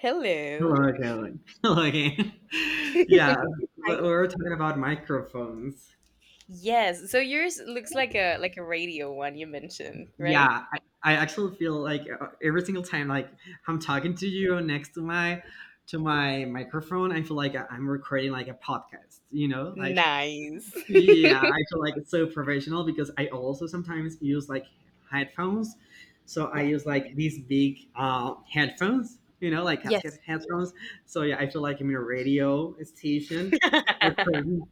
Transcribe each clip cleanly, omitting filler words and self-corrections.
Hello. Hello again. Hello again. Yeah, we Hi. were talking about microphones. Yes. So yours looks like a radio one you mentioned, right? Yeah, I actually feel like every single time like I'm talking to you next to my microphone, I feel like I'm recording like a podcast, you know? Like Nice. yeah, I feel like it's so professional because I also sometimes use like headphones. So I yeah. use like these big headphones, like Yes. casket headphones. So yeah, I feel like I'm in a radio station recording.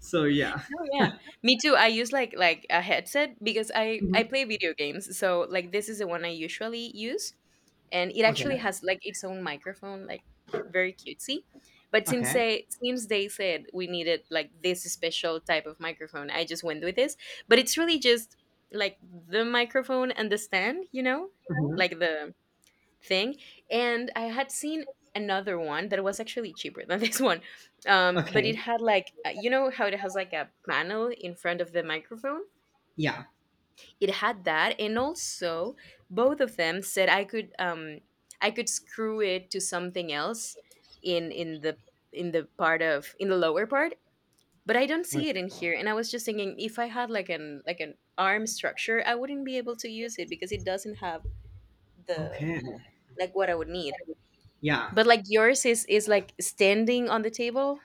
So yeah. Oh yeah, me too. I use like a headset because I Mhm. I play video games, so like this is the one I usually use, and it Okay. actually has like its own microphone, like very cutesy. But since Okay. they since they said we needed like this special type of microphone, I just went with this. But it's really just like the microphone and the stand, Mhm. like the thing. And I had seen another one that was actually cheaper than this one. But Okay. it had like, you know how it has like a panel in front of the microphone? Yeah. It had that. And also, both of them said I could screw it to something else in in the lower part. But I don't see it Okay. in here, and I was just thinking if I had like an arm structure, I wouldn't be able to use it because it doesn't have the Okay. like what I would need. Yeah. But like yours is like standing on the table?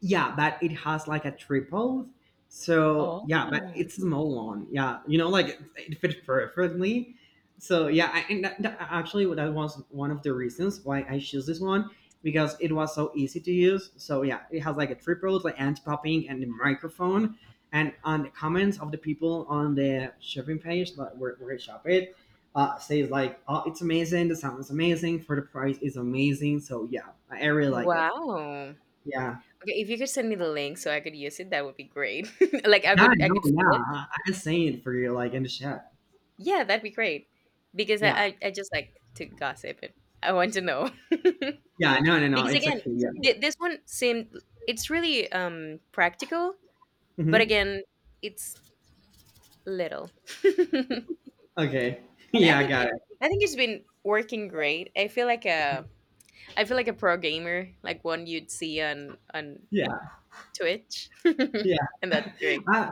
Yeah, but it has like a triple. So yeah, but Oh. it's a small one. Yeah, like it fit perfectly. So yeah, I, and that, that- actually, that was one of the reasons why I chose this one because it was so easy to use. So yeah, it has like a triple, like anti-popping and the microphone. And on the comments of the people on the shopping page, like where I shop it, says like, "Oh, it's amazing! The sound is amazing. For the price, is amazing." So yeah, I really like it. Wow. Yeah. Okay, if you could send me the link so I could use it, that would be great. like I Yeah, could I no, could see yeah. it. I was saying for you, like in the chat. Yeah, that'd be great. Because I, Yeah, I, I just like to gossip and I want to know. Because yeah. No, no, no. It's again, okay. Yeah. this one seemed it's really, practical, but Hmm. again, it's little. And Okay. I Yeah, I think it got I think it's been working great. I feel like uh it. I feel like a pro gamer, like one you'd see on Yeah, Twitch, yeah. and that's great. uh,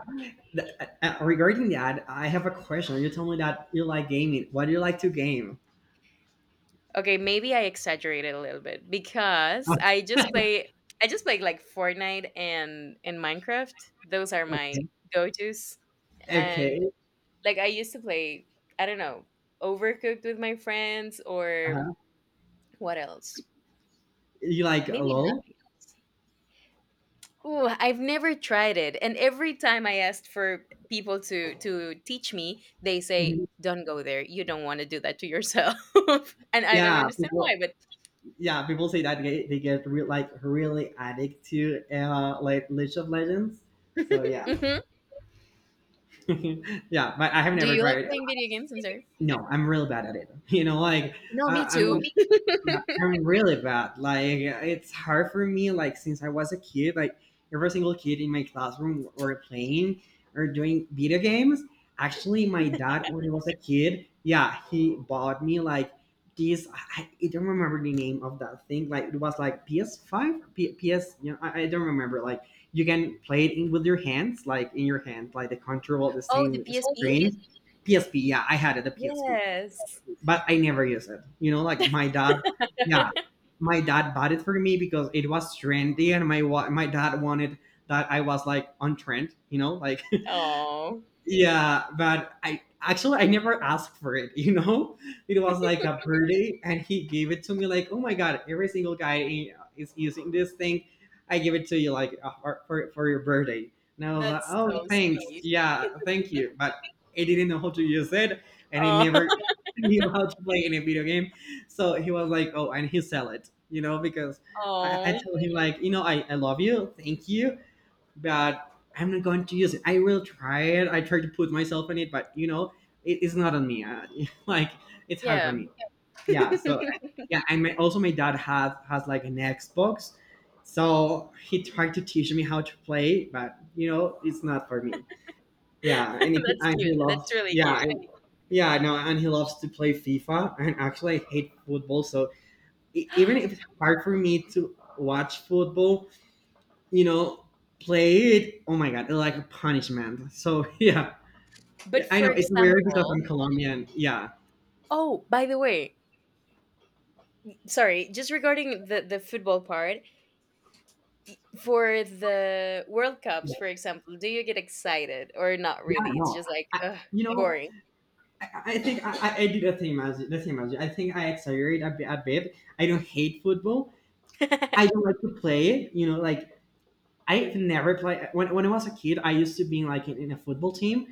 th- regarding that, I have a question. You told me that you like gaming. What do you like to game? Okay, maybe I exaggerated a little bit because I just play like Fortnite and in Minecraft. Those are Oh, my okay. go tos, and Okay. like I used to play. I don't know, Overcooked with my friends, or Uh-huh. what else? You like Maybe LOL? nothing else. Ooh, I've never tried it. And every time I asked for people to teach me, they say, Mhm. "Don't go there. You don't want to do that to yourself." And I don't Yeah, understand people. why, but Yeah, people say that they get like really addicted to like League of Legends. So yeah, Mhm. yeah. But I have Do never you like tried. playing video games? I'm sorry. No, I'm real bad at it. You know, like No, I me I'm too. yeah, I'm really bad. Like it's hard for me. Like since I was a kid, like every single kid in my classroom were playing or doing video games. Actually, my dad when he was a kid, yeah, he bought me like this. I don't remember the name of that thing. Like it was like PS5, PS. You know, I don't remember. Like you can play it with your hands, like in your hand, like the control, the Oh, the same PSP? screen. PSP, yeah, I had it, the PSP, Yes. but I never used it. You know, like my dad. Yeah, my dad bought it for me because it was trendy and my dad wanted that I was like on trend, Oh, yeah, but I actually I never asked for it, you know? It was like a birthday and he gave it to me like, "Oh my god, every single guy is using this thing. I give it to you like for your birthday." And I was like, that's "Oh, so thanks. sweet. Yeah, thank you." But I didn't know how to use it and I Oh, never knew how to play any video game. So he was like, "Oh, and he sell it." You know, because I oh told him like, "You know, I love you. Thank you." But I'm not going to use it. I will try it. I try to put myself in it, but it is not on me. Like it's hard for yeah. me. Yeah. So yeah, and also my dad has like an Xbox, so he tried to teach me how to play, but it's not for me. Yeah, and he, That's and he cute. loves. That's really Yeah, cute. and, yeah, no, and he loves to play FIFA. And actually, I hate football, so even if it's hard for me to watch football, you know, play it. Oh my god, like a punishment. So yeah, But I for know it's weird because example, I'm Colombian. Yeah, oh, by the way, sorry, just regarding the football part, for the World Cups, for example, do you get excited or not yeah, really? It's no, just like, I, ugh, you know, boring. I, I think I do the same as you. I think I exaggerate a bit. I don't hate football. I don't like to play it. You know, like I've never played when I was a kid. I used to be like in a football team,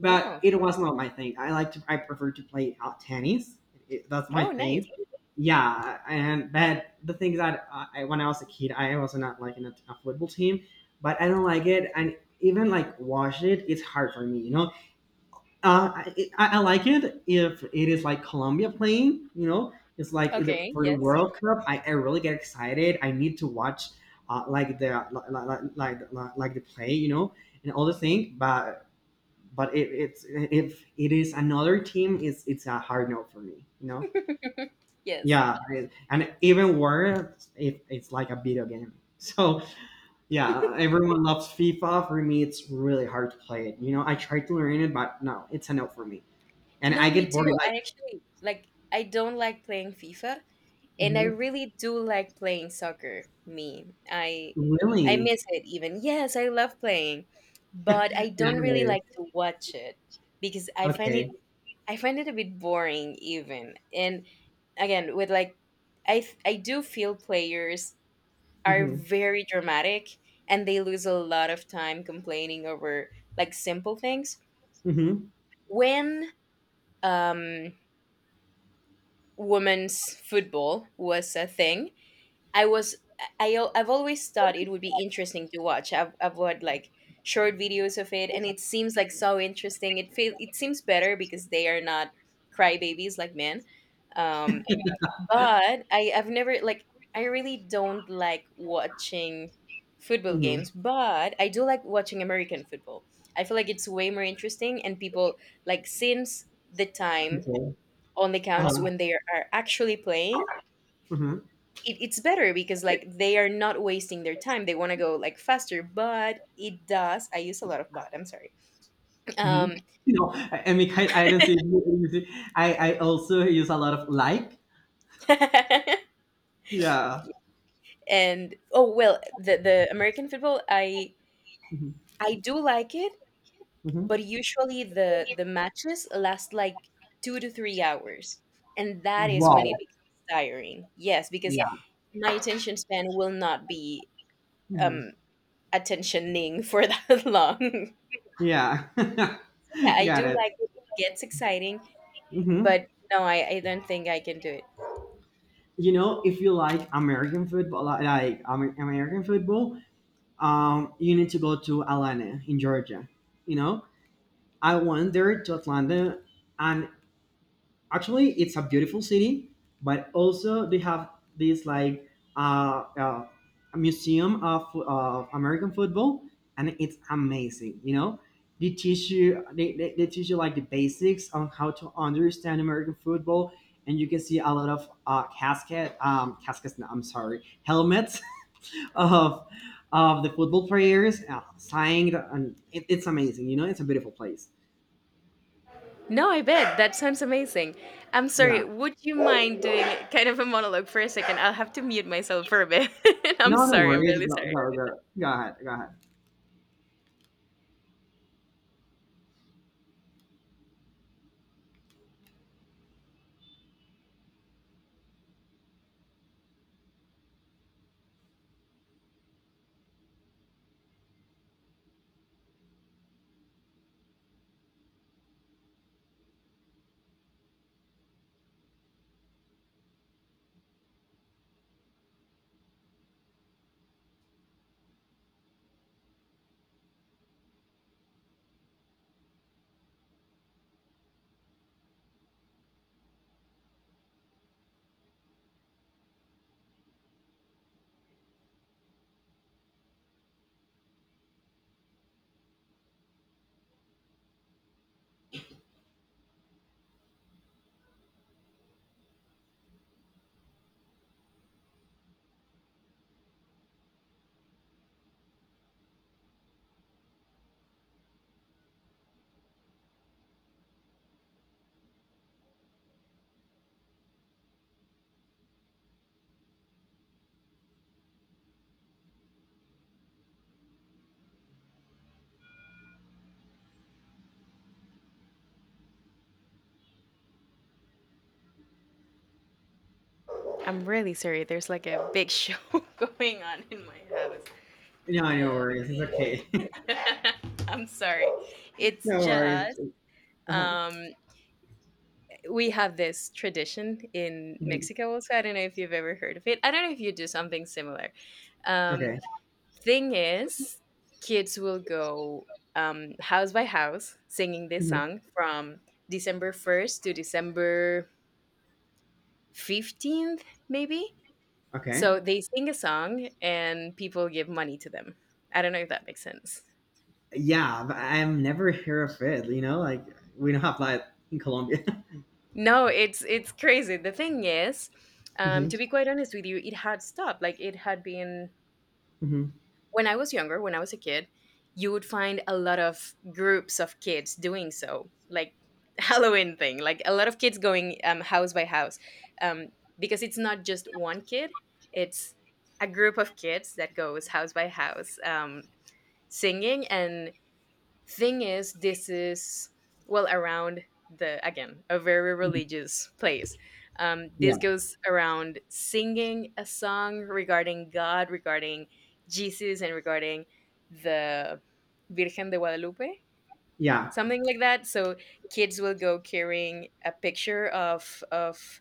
but Wow. it was not my thing. I prefer to play tennis. That's my Oh, nice. thing. Yeah, and but the thing is that when I was a kid, I was not like in a football team, but I don't like it, and even like watch it, it's hard for me. You know, I like it if it is like Colombia playing. You know, it's like it, Okay. for the Yes. World Cup, I really get excited. I need to watch uh, like the like the play. You know, and all the thing, but if it's if it is another team, it's a hard no for me. You know, Yes. yeah, and even worse, if it's like a video game. So yeah, everyone loves FIFA. For me, it's really hard to play it. You know, I tried to learn it, but no, it's a no for me, and I No, me get bored. too. Like, I actually like, I don't like playing FIFA, and I "Mhm, really do like playing soccer. Me, I, I really? miss it even. Yes, I love playing, but I Yeah, don't really it is. like to watch it because I find it Okay. I find it a bit boring even. And again, with like I do feel players are Hmm. very dramatic and they lose a lot of time complaining over like simple things. Hmm. When um women's football was a thing, I was I- I've always thought it would be interesting to watch. I've watched like short videos of it and it seems like so interesting. It seems better because they are not crybabies like men. Um But I really don't like watching football Hmm. games, but I do like watching American football. I feel like it's way more interesting and people like since the time Okay. only counts Um, when they are actually playing. hmm. It's better because like they are not wasting their time. They want to go like faster, but it does. I use a lot of but. I'm sorry. Hmm. Um, You know, I mean, I don't say. I also use a lot of like." Yeah. and oh well, the American football, I Mhm. I do like it, Mhm. but usually the matches last like 2 to 3 hours, and that is when Wow. it becomes tiring, yes, because Yeah. my attention span will not be, Yeah. Mhm. um attentioning for that long. Yeah. Yeah, I do Got it. like it. It gets exciting, Hmm. but no, I don't think I can do it. You know, if you like American football, like American football, you need to go to Atlanta in Georgia. You know, I went there to Atlanta, and actually it's a beautiful city, but also they have this like uh, uh, a museum of American football, and it's amazing. You know, they teach you like the basics on how to understand American football, and you can see a lot of casket caskets, no, I'm sorry, helmets of the football players, signed, and it's amazing, you know, it's a beautiful place. No, I bet that sounds amazing. I'm Yeah, sorry, would you mind doing kind of a monologue for a second? I'll have to mute myself for a bit. I'm no sorry, I'm worries, really go, sorry. go, go. Go ahead, go ahead. I'm really sorry. There's like a big show going on in my house. No, no worries. It's okay. I'm sorry. It's No just, worries. Uh-huh. um we have this tradition in Mhm. Mexico also. I don't know if you've ever heard of it. I don't know if you do something similar. Um Okay. Thing is, kids will go, house by house, singing this Mhm. song from December 1st to December 15th, maybe. Okay. So they sing a song and people give money to them. I don't know if that makes sense. Yeah, but I've never heard of it. You know, like we don't have that in Colombia. No, it's crazy. The thing is, Hmm. to be quite honest with you, it had stopped. Like it had been Hmm. when I was younger, when I was a kid, you would find a lot of groups of kids doing so, like Halloween thing, like a lot of kids going, house by house, um, because it's not just one kid; it's a group of kids that goes house by house, singing and— Thing is, this is, well, around— the, again, a very religious place. Yeah. This goes around singing a song regarding God, regarding Jesus, and regarding the Virgen de Guadalupe, Yeah. something like that. So kids will go carrying a picture of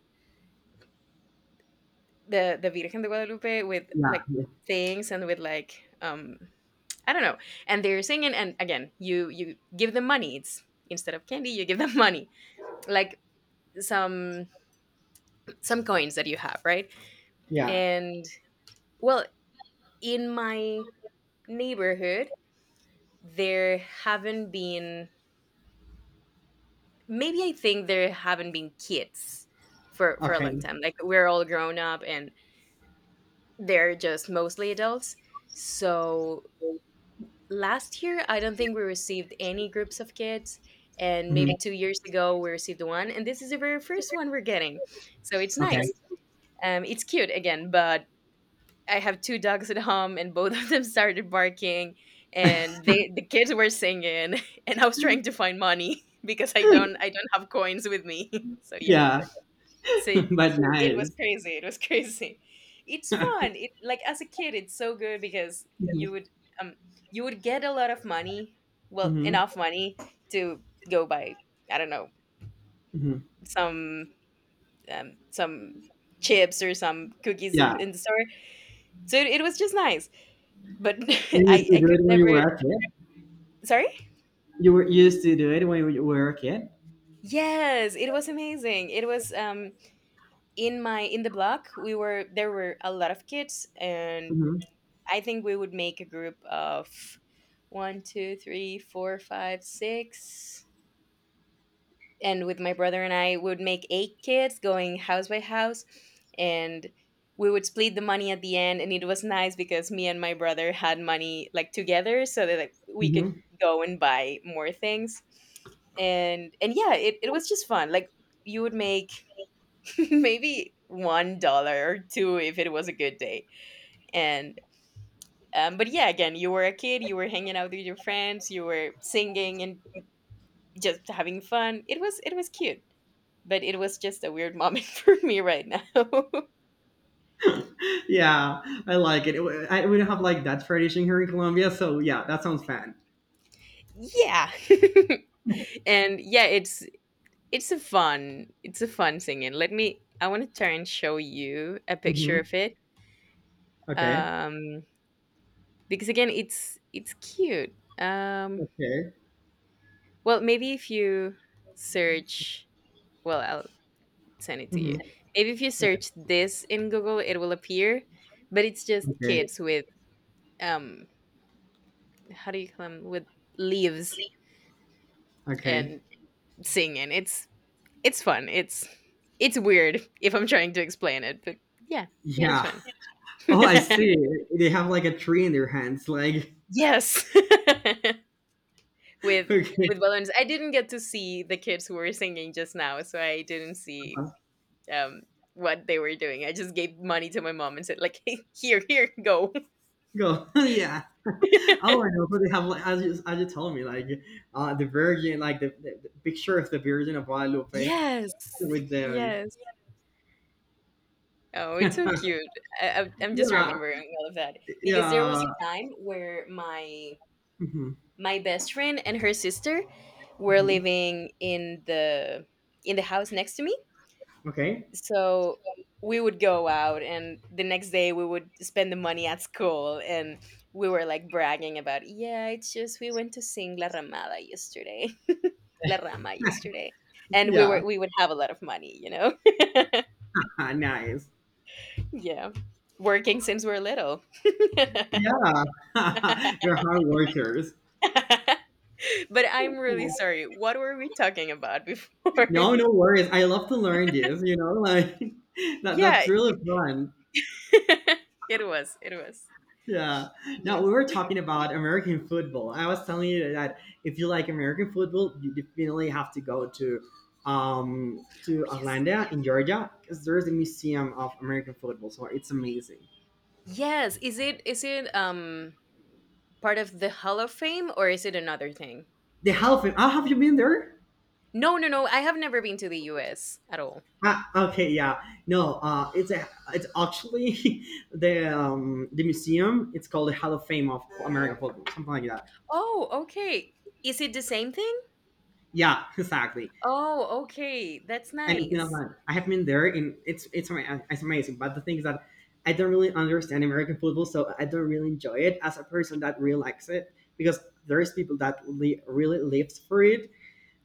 the Virgen de Guadalupe with Yeah. like Yeah. things and with like, um I don't know. And they're singing, and again, you give them money. It's instead of candy, you give them money, like some some coins that you have, right? Yeah. And well, in my neighborhood, there haven't been. Maybe I think there haven't been kids for a Okay. long time. Like we're all grown up, and they're just mostly adults. So last year, I don't think we received any groups of kids, and Mhm. maybe 2 years ago we received one, and this is the very first one we're getting, so it's nice. Okay. It's cute again, but I have two dogs at home and both of them started barking, and the kids were singing and I was trying to find money because i don't i don't have coins with me so yeah. Yeah. Same. But It was nice. crazy, it was crazy. It's fun, it, like as a kid, it's so good because Hmm. Um you would get a lot of money, well, Hmm. enough money to go buy, I don't know, some, some chips or some cookies in, Yeah. in the store, so it was just nice, but You used i to i do could it when never, you were a kid. sorry. You used to do it when you were a kid. Yes, it was amazing. It was, in the block, we were there were a lot of kids, and Hmm. I think we would make a group of one, two, three, four, five, six. And with my brother and I, we would make eight kids going house by house. And we would split the money at the end. And it was nice because me and my brother had money like together so that like, we could Hmm. go and buy more things. And yeah, it was just fun. Like you would make maybe $1 or two if it was a good day. And, but yeah, again, you were a kid, you were hanging out with your friends, you were singing and just having fun. It was cute, but it was just a weird moment for me right now. Yeah, I like it. We don't have like that tradition here in Colombia, so yeah, that sounds fun. Yeah, and yeah, it's a fun singing. Let me I want to try and show you a picture Hmm. of it, Okay. um, because again, it's cute. Okay. Well, maybe if you search, well, I'll send it to you. Hmm. Maybe if you Okay. search this in Google, it will appear, but it's just Okay. kids with, um how do you call them, with leaves Okay. and singing. It's fun. It's weird if I'm trying to explain it, but yeah, it was Yeah. fun. Oh, I see. They have like a tree in their hands. Like, Yes. With okay, balloons. I didn't get to see the kids who were singing just now, so I didn't see, um what they were doing. I just gave money to my mom and said like, "Hey, here, here, go." go. Yeah. Oh, I know. But they have like as you told me, like the Virgin, like the picture of the Virgin of Guadalupe Yes. with them. Yes. Oh, it's so cute. I'm just Yeah. remembering all of that because there Yeah. was a time where my Hmm. my best friend and her sister were Hmm. living in the house next to me. Okay. So we would go out and the next day we would spend the money at school and we were like bragging about, yeah, it's just we went to sing La Ramada yesterday. La Rama yesterday. And we were Yeah. we would have a lot of money, you know? Nice. Yeah. Working since we're little. But Yeah, you're hard workers. I'm really sorry. What were we talking about before? No, no worries. I love to learn this, you know, like that Yeah. that's really fun. It was. It was. Yeah. Now Yeah. we were talking about American football. I was telling you that if you like American football, you definitely have to go Oh, to yes. Atlanta in Georgia because there is a museum of American football, so it's amazing. Yes. Is it part of the Hall of Fame or is it another thing? The Hall of Fame. Ah, have you been there? No, no, no. I have never been to the US at all. Ah, okay, yeah. No, it's actually the museum. It's called the Hall of Fame of American Football, something like that. Oh, okay. Is it the same thing? Yeah, exactly. Oh, okay. That's And it's in nice. Atlanta. I have been there, and it's amazing. But the thing is that I don't really understand American football, so I don't really enjoy it as a person that really likes it because there's people that really lives for it.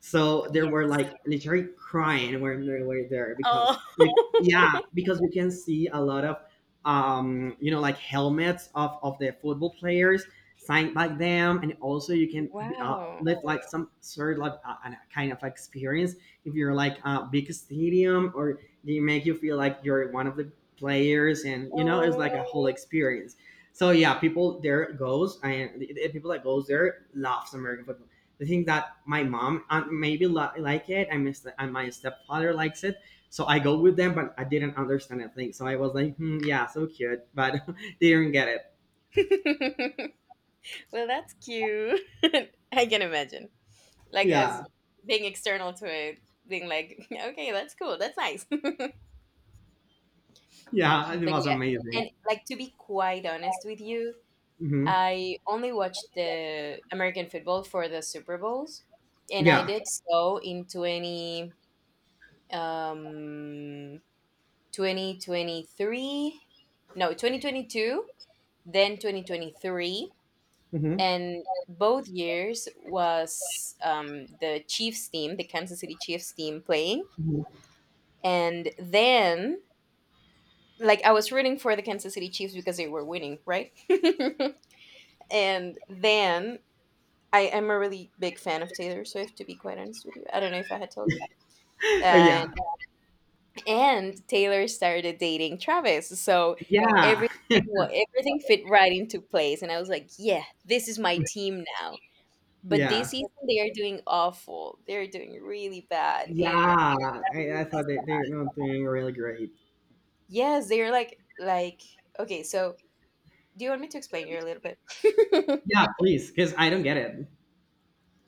So there Yeah. were like literally crying when they were there because Oh. Yeah, because we can see a lot of you know, like helmets of the football players, signed by them, and also you can Wow. live like some sort of like a kind of experience if you're like a big stadium or they make you feel like you're one of the players, and you know it's like Oh. a whole experience. So yeah, people there goes, and the people that goes there loves American football. The thing that my mom maybe like it, and and my stepfather likes it, so I go with them, but I didn't understand a thing, so I was like, hmm, yeah, so cute, but didn't get it. Well, that's cute. I can imagine. Like as Yeah. being external to it, being like, okay, that's cool, that's nice. Yeah, it But was yeah, amazing. and like to be quite honest with you, Hmm. I only watched the American football for the Super Bowls, and I Yeah. did so in um 2023, no 2022, then 2023. Hmm. And both years was the Chiefs team, the Kansas City Chiefs team playing. And then, like, I was rooting for the Kansas City Chiefs because they were winning, right? And then I am a really big fan of Taylor Swift, to be quite honest with you. I don't know if I had told you. And Yeah, and Taylor started dating Travis, so yeah, every well, everything fit right into place. And I was like, yeah, this is my team now. But this yeah, season they are doing awful. They're doing really bad and yeah. I'm i, really I thought they, sad. they're doing really great. Yes, they're like okay, so do you want me to explain you a little bit? Yeah, please, because I don't get it.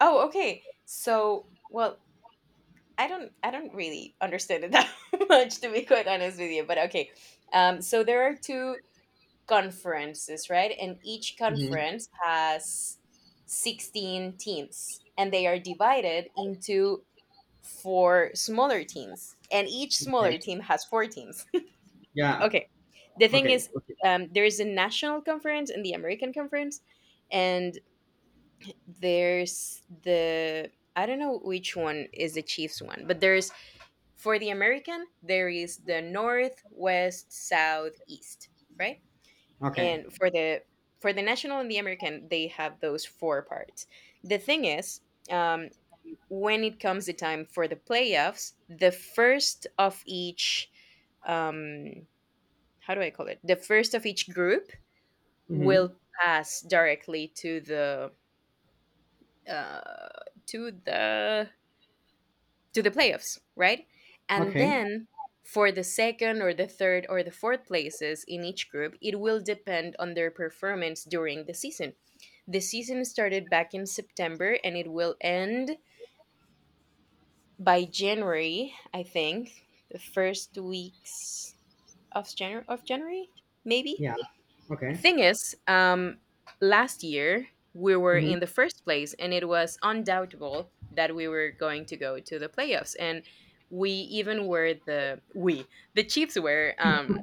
Oh, okay. So well, I don't really understand it that much to be quite honest with you, but okay. So there are two conferences, right? And each Hmm. conference has 16 teams and they are divided into for smaller teams, and each smaller Okay. team has four teams. Yeah. Okay, the thing Okay, is, okay, there is a national conference and the American conference, and there's the I don't know which one is the Chiefs one, but there's for the American there is the North, West, South, East, right? okay. And for the national and the American, they have those four parts. The thing is, um, when it comes the time for the playoffs, the first of each, um, how do I call it? The first of each group Hmm. will pass directly uh, to the to the playoffs, right? And Okay. then for the second or the third or the fourth places in each group, it will depend on their performance during the season. The season started back in September and it will end by January, I think, the first weeks of January, maybe. Yeah. Okay. Thing is, last year we were Hmm. in the first place, and it was undoubtable that we were going to go to the playoffs, and we even were the Chiefs were um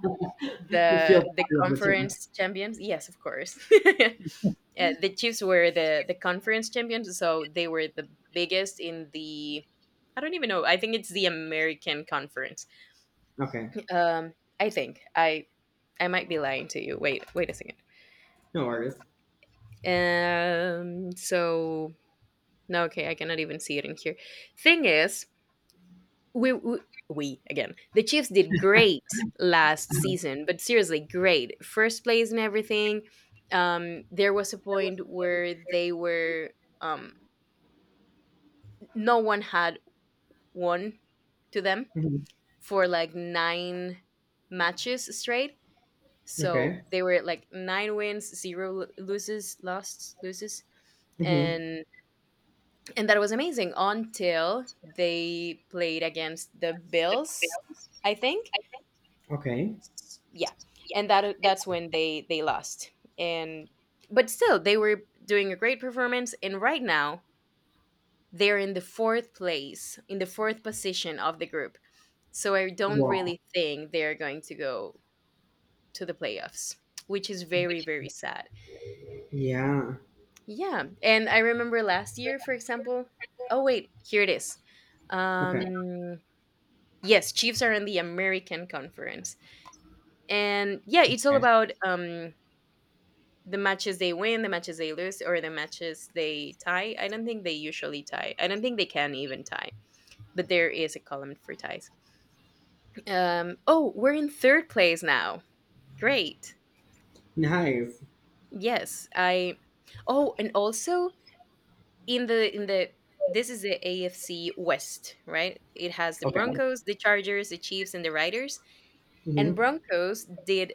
You the feel the part of the team. conference champions. Yes, of course. The Chiefs were the conference champions, so they were the biggest in the. I don't even know. I think it's the American Conference. Okay, Um, I think I might be lying to you. Wait, wait a second. no worries. So no, okay, I cannot even see it in here. Thing is, we, we we again the Chiefs did great last season but seriously great first place and everything. There was a point where they were um no one had won to them Mhm. for like 9 matches straight. So Okay. they were like 9 wins, zero loses, Hmm. and and that was amazing until they played against the Bills, I think. Okay. Yeah, and that's when they lost. And but still, they were doing a great performance. And right now, they're in the fourth place, in the fourth position of the group. So I don't Wow. really think they're going to go to the playoffs, which is very, very sad. Yeah. Yeah. And I remember last year, for example. Oh, wait, here it is. Okay. Um, yes, Chiefs are in the American Conference. And yeah, it's all Okay. about the matches they win, the matches they lose, or the matches they tie. I don't think they usually tie. I don't think they can even tie, but there is a column for ties. Oh, we're in third place now. Great. Nice. Yes, I. Oh, and also in the this is the AFC West, right? It has the Okay. Broncos, the Chargers, the Chiefs, and the Riders. And Hmm. Broncos did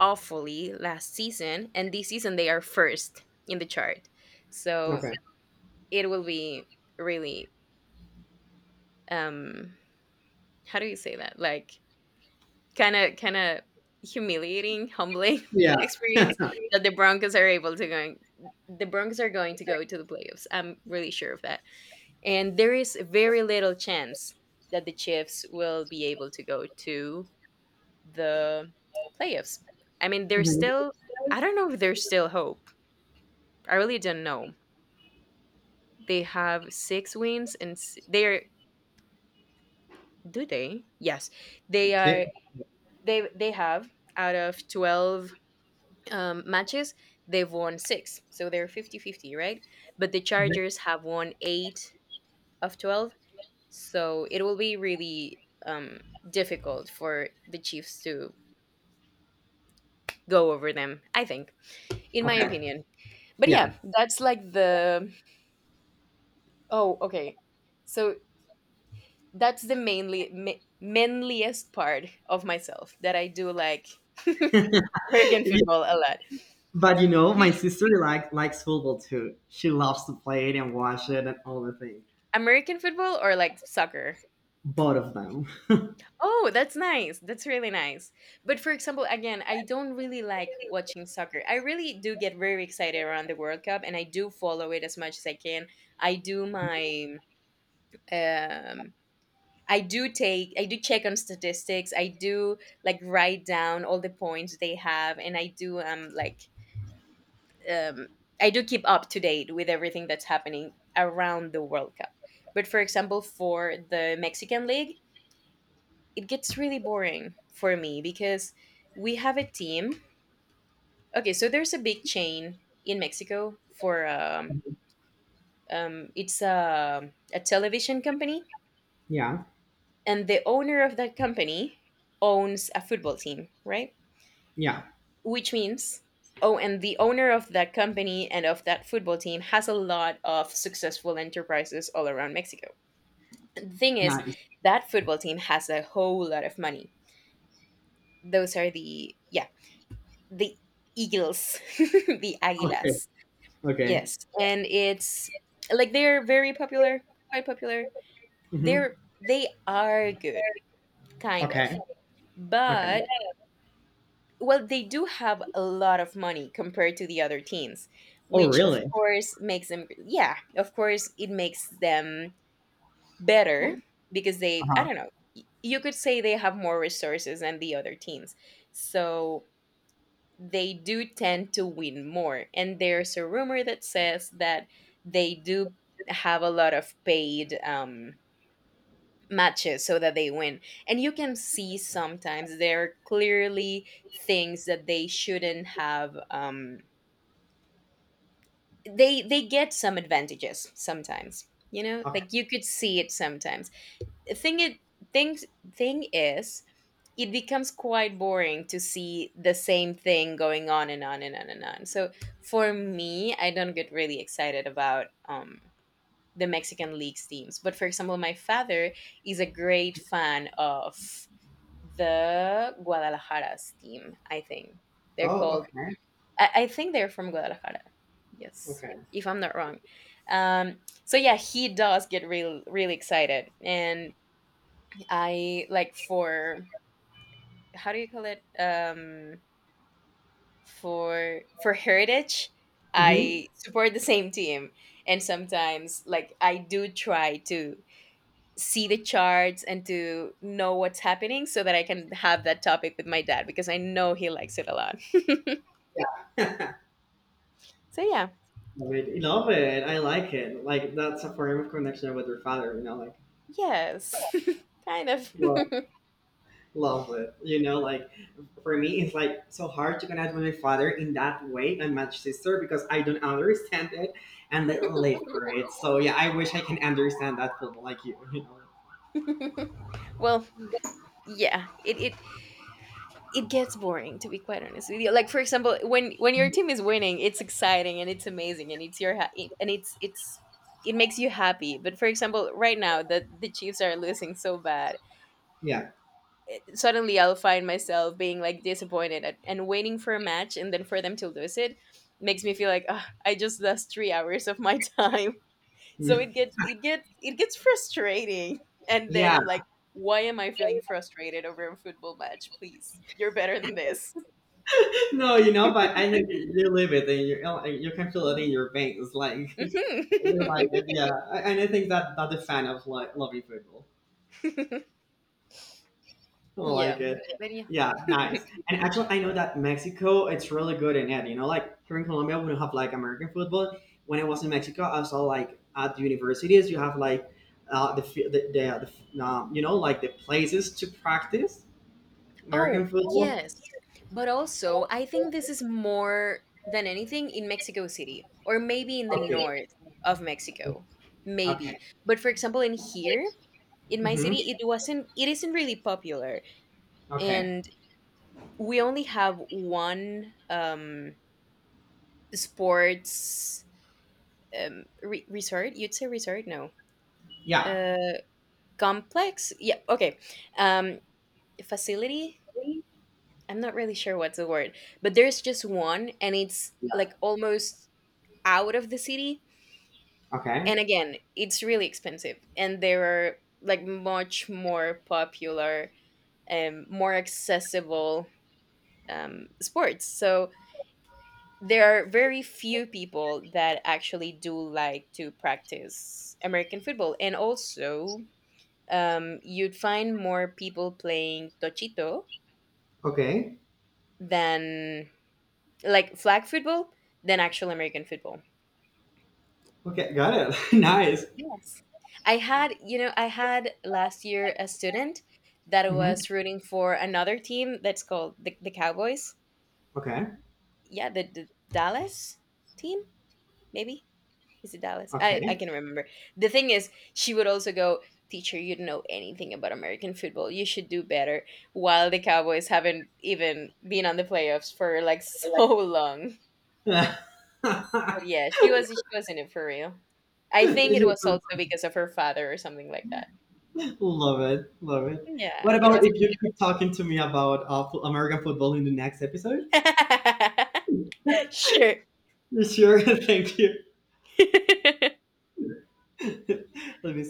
awfully last season, and this season they are first in the chart. So Okay. it will be really um, how do you say that? Like kinda humiliating, humbling Yeah. experience that the Broncos are going to go to the playoffs. I'm really sure of that. And there is very little chance that the Chiefs will be able to go to the playoffs. I mean, there's Hmm. still I don't know if there's still hope. I really don't know. They have 6 wins and they're do they? Yes. They Yeah. are they have out of 12 matches, they've won six. So they're fifty-fifty, right? But the Mhm. Chargers have won eight of 12. So it will be really um, difficult for the Chiefs to go over them, I think, in my Okay. opinion. But yeah, Yeah. that's like the. Oh, okay. So that's the mainly. Manliest part of myself that I do like American Yeah, football a lot. but you know, Do my you- sister like likes football too. She loves to play it and watch it and all the things. American football or like soccer? Both of them. Oh, that's nice. That's really nice. But for example, again, I don't really like watching soccer. I really do get very excited around the World Cup and I do follow it as much as I can. I do my um I do check on statistics. I do like write down all the points they have and um I do keep up to date with everything that's happening around the World Cup. But for example, for the Mexican League, it gets really boring for me because we have a team. Okay, so there's a big chain in Mexico for it's a television company, Yeah. and the owner of that company owns a football team, right? Yeah. Which means oh, and the owner of that company and of that football team has a lot of successful enterprises all around Mexico. The thing is, Nice. that football team has a whole lot of money. Those are the, yeah, the eagles, the Okay. águilas. Okay. Yes, and it's like they're very popular, quite popular. Hmm. They are good, kind of, Okay. Okay. but well, they do have a lot of money compared to the other teams, Oh, which of really? course makes them, yeah, of course it makes them better because they I Uh don't know, you could say they have more resources than the other teams, so they do tend to win more. And there's a rumor that says that they do have a lot of paid matches so that they win. And you can see sometimes there are clearly things that they shouldn't have. They get some advantages sometimes. You know, huh. like you could see it sometimes. Thing it things thing is it becomes quite boring to see the same thing going on and on and on and on. So for me, I don't get really excited about the Mexican league's teams. But for example, my father is a great fan of the Guadalajara's team. I think they're Oh, called. okay, I think they're from Guadalajara. Yes, okay. if I'm not wrong. Um, so yeah, he does get really excited, and I like for, how do you call it? For heritage Hmm. I support the same team, and sometimes like I do try to see the charts and to know what's happening so that I can have that topic with my dad because I know he likes it a lot. Yeah. So yeah. Love it. Love it. I like it. Like that's a form of connection with your father, like Yes. Kind of. love, love it. You know, like for me it's like so hard to connect with my father in that way and my sister because I don't understand it and they live for it. So yeah, I wish I can understand that fully like you know. Well, yeah, it gets boring to be quite honest with you. Like for example, when your team is winning, it's exciting and it's amazing and it's your and it's it makes you happy. But for example, right now that the Chiefs are losing so bad, Yeah. suddenly I'll find myself being like disappointed at, and waiting for a match and then for them to lose it makes me feel like "Ugh, I just lost 3 hours of my time." So it gets frustrating, and then Yeah. I'm like, why am I feeling frustrated over a football match? Please, you're better than this. No, but I think you live it and you can feel it in your veins, like you like it, yeah. And I think that that's the fan of like loving football, I like Yeah. it, Very. yeah, nice. And actually, I know that Mexico, it's really good in it. You know, like here in Colombia, we don't have like American football. When I was in Mexico, I saw like at the universities, you have like you know, like the places to practice Oh, American football. yes. But also, I think this is more than anything in Mexico City or maybe in the Okay, north of Mexico. Maybe. okay. But for example, in here, in my Hmm. city, it isn't really popular. Okay, And we only have one sports resort, you'd say resort? No. yeah. Uh Complex? Yeah, okay. Um Facility. I'm not really sure what's the word, but there's just one and it's like almost out of the city. Okay. And again, it's really expensive. And there are like much more popular and more accessible sports. So there are very few people that actually do like to practice American football. And also, you'd find more people playing Tochito Okay. than like flag football than actual American football. Okay. Got it. Nice. Yes. I had last year a student that Hmm. was rooting for another team that's called the Cowboys. Okay. Yeah, the Dallas team, maybe? Is it Dallas? I Okay. can remember. The thing is, she would also go, Teacher, you don't know anything about American football. You should do better. While the Cowboys haven't even been on the playoffs for like so long. Love But yeah, she was in it for real. I think it was also because of her father or something like that. it. Love it. What Yeah, it about was. if you keep talking to me about American football in the next episode? Sure. Sure. Thank you. Let me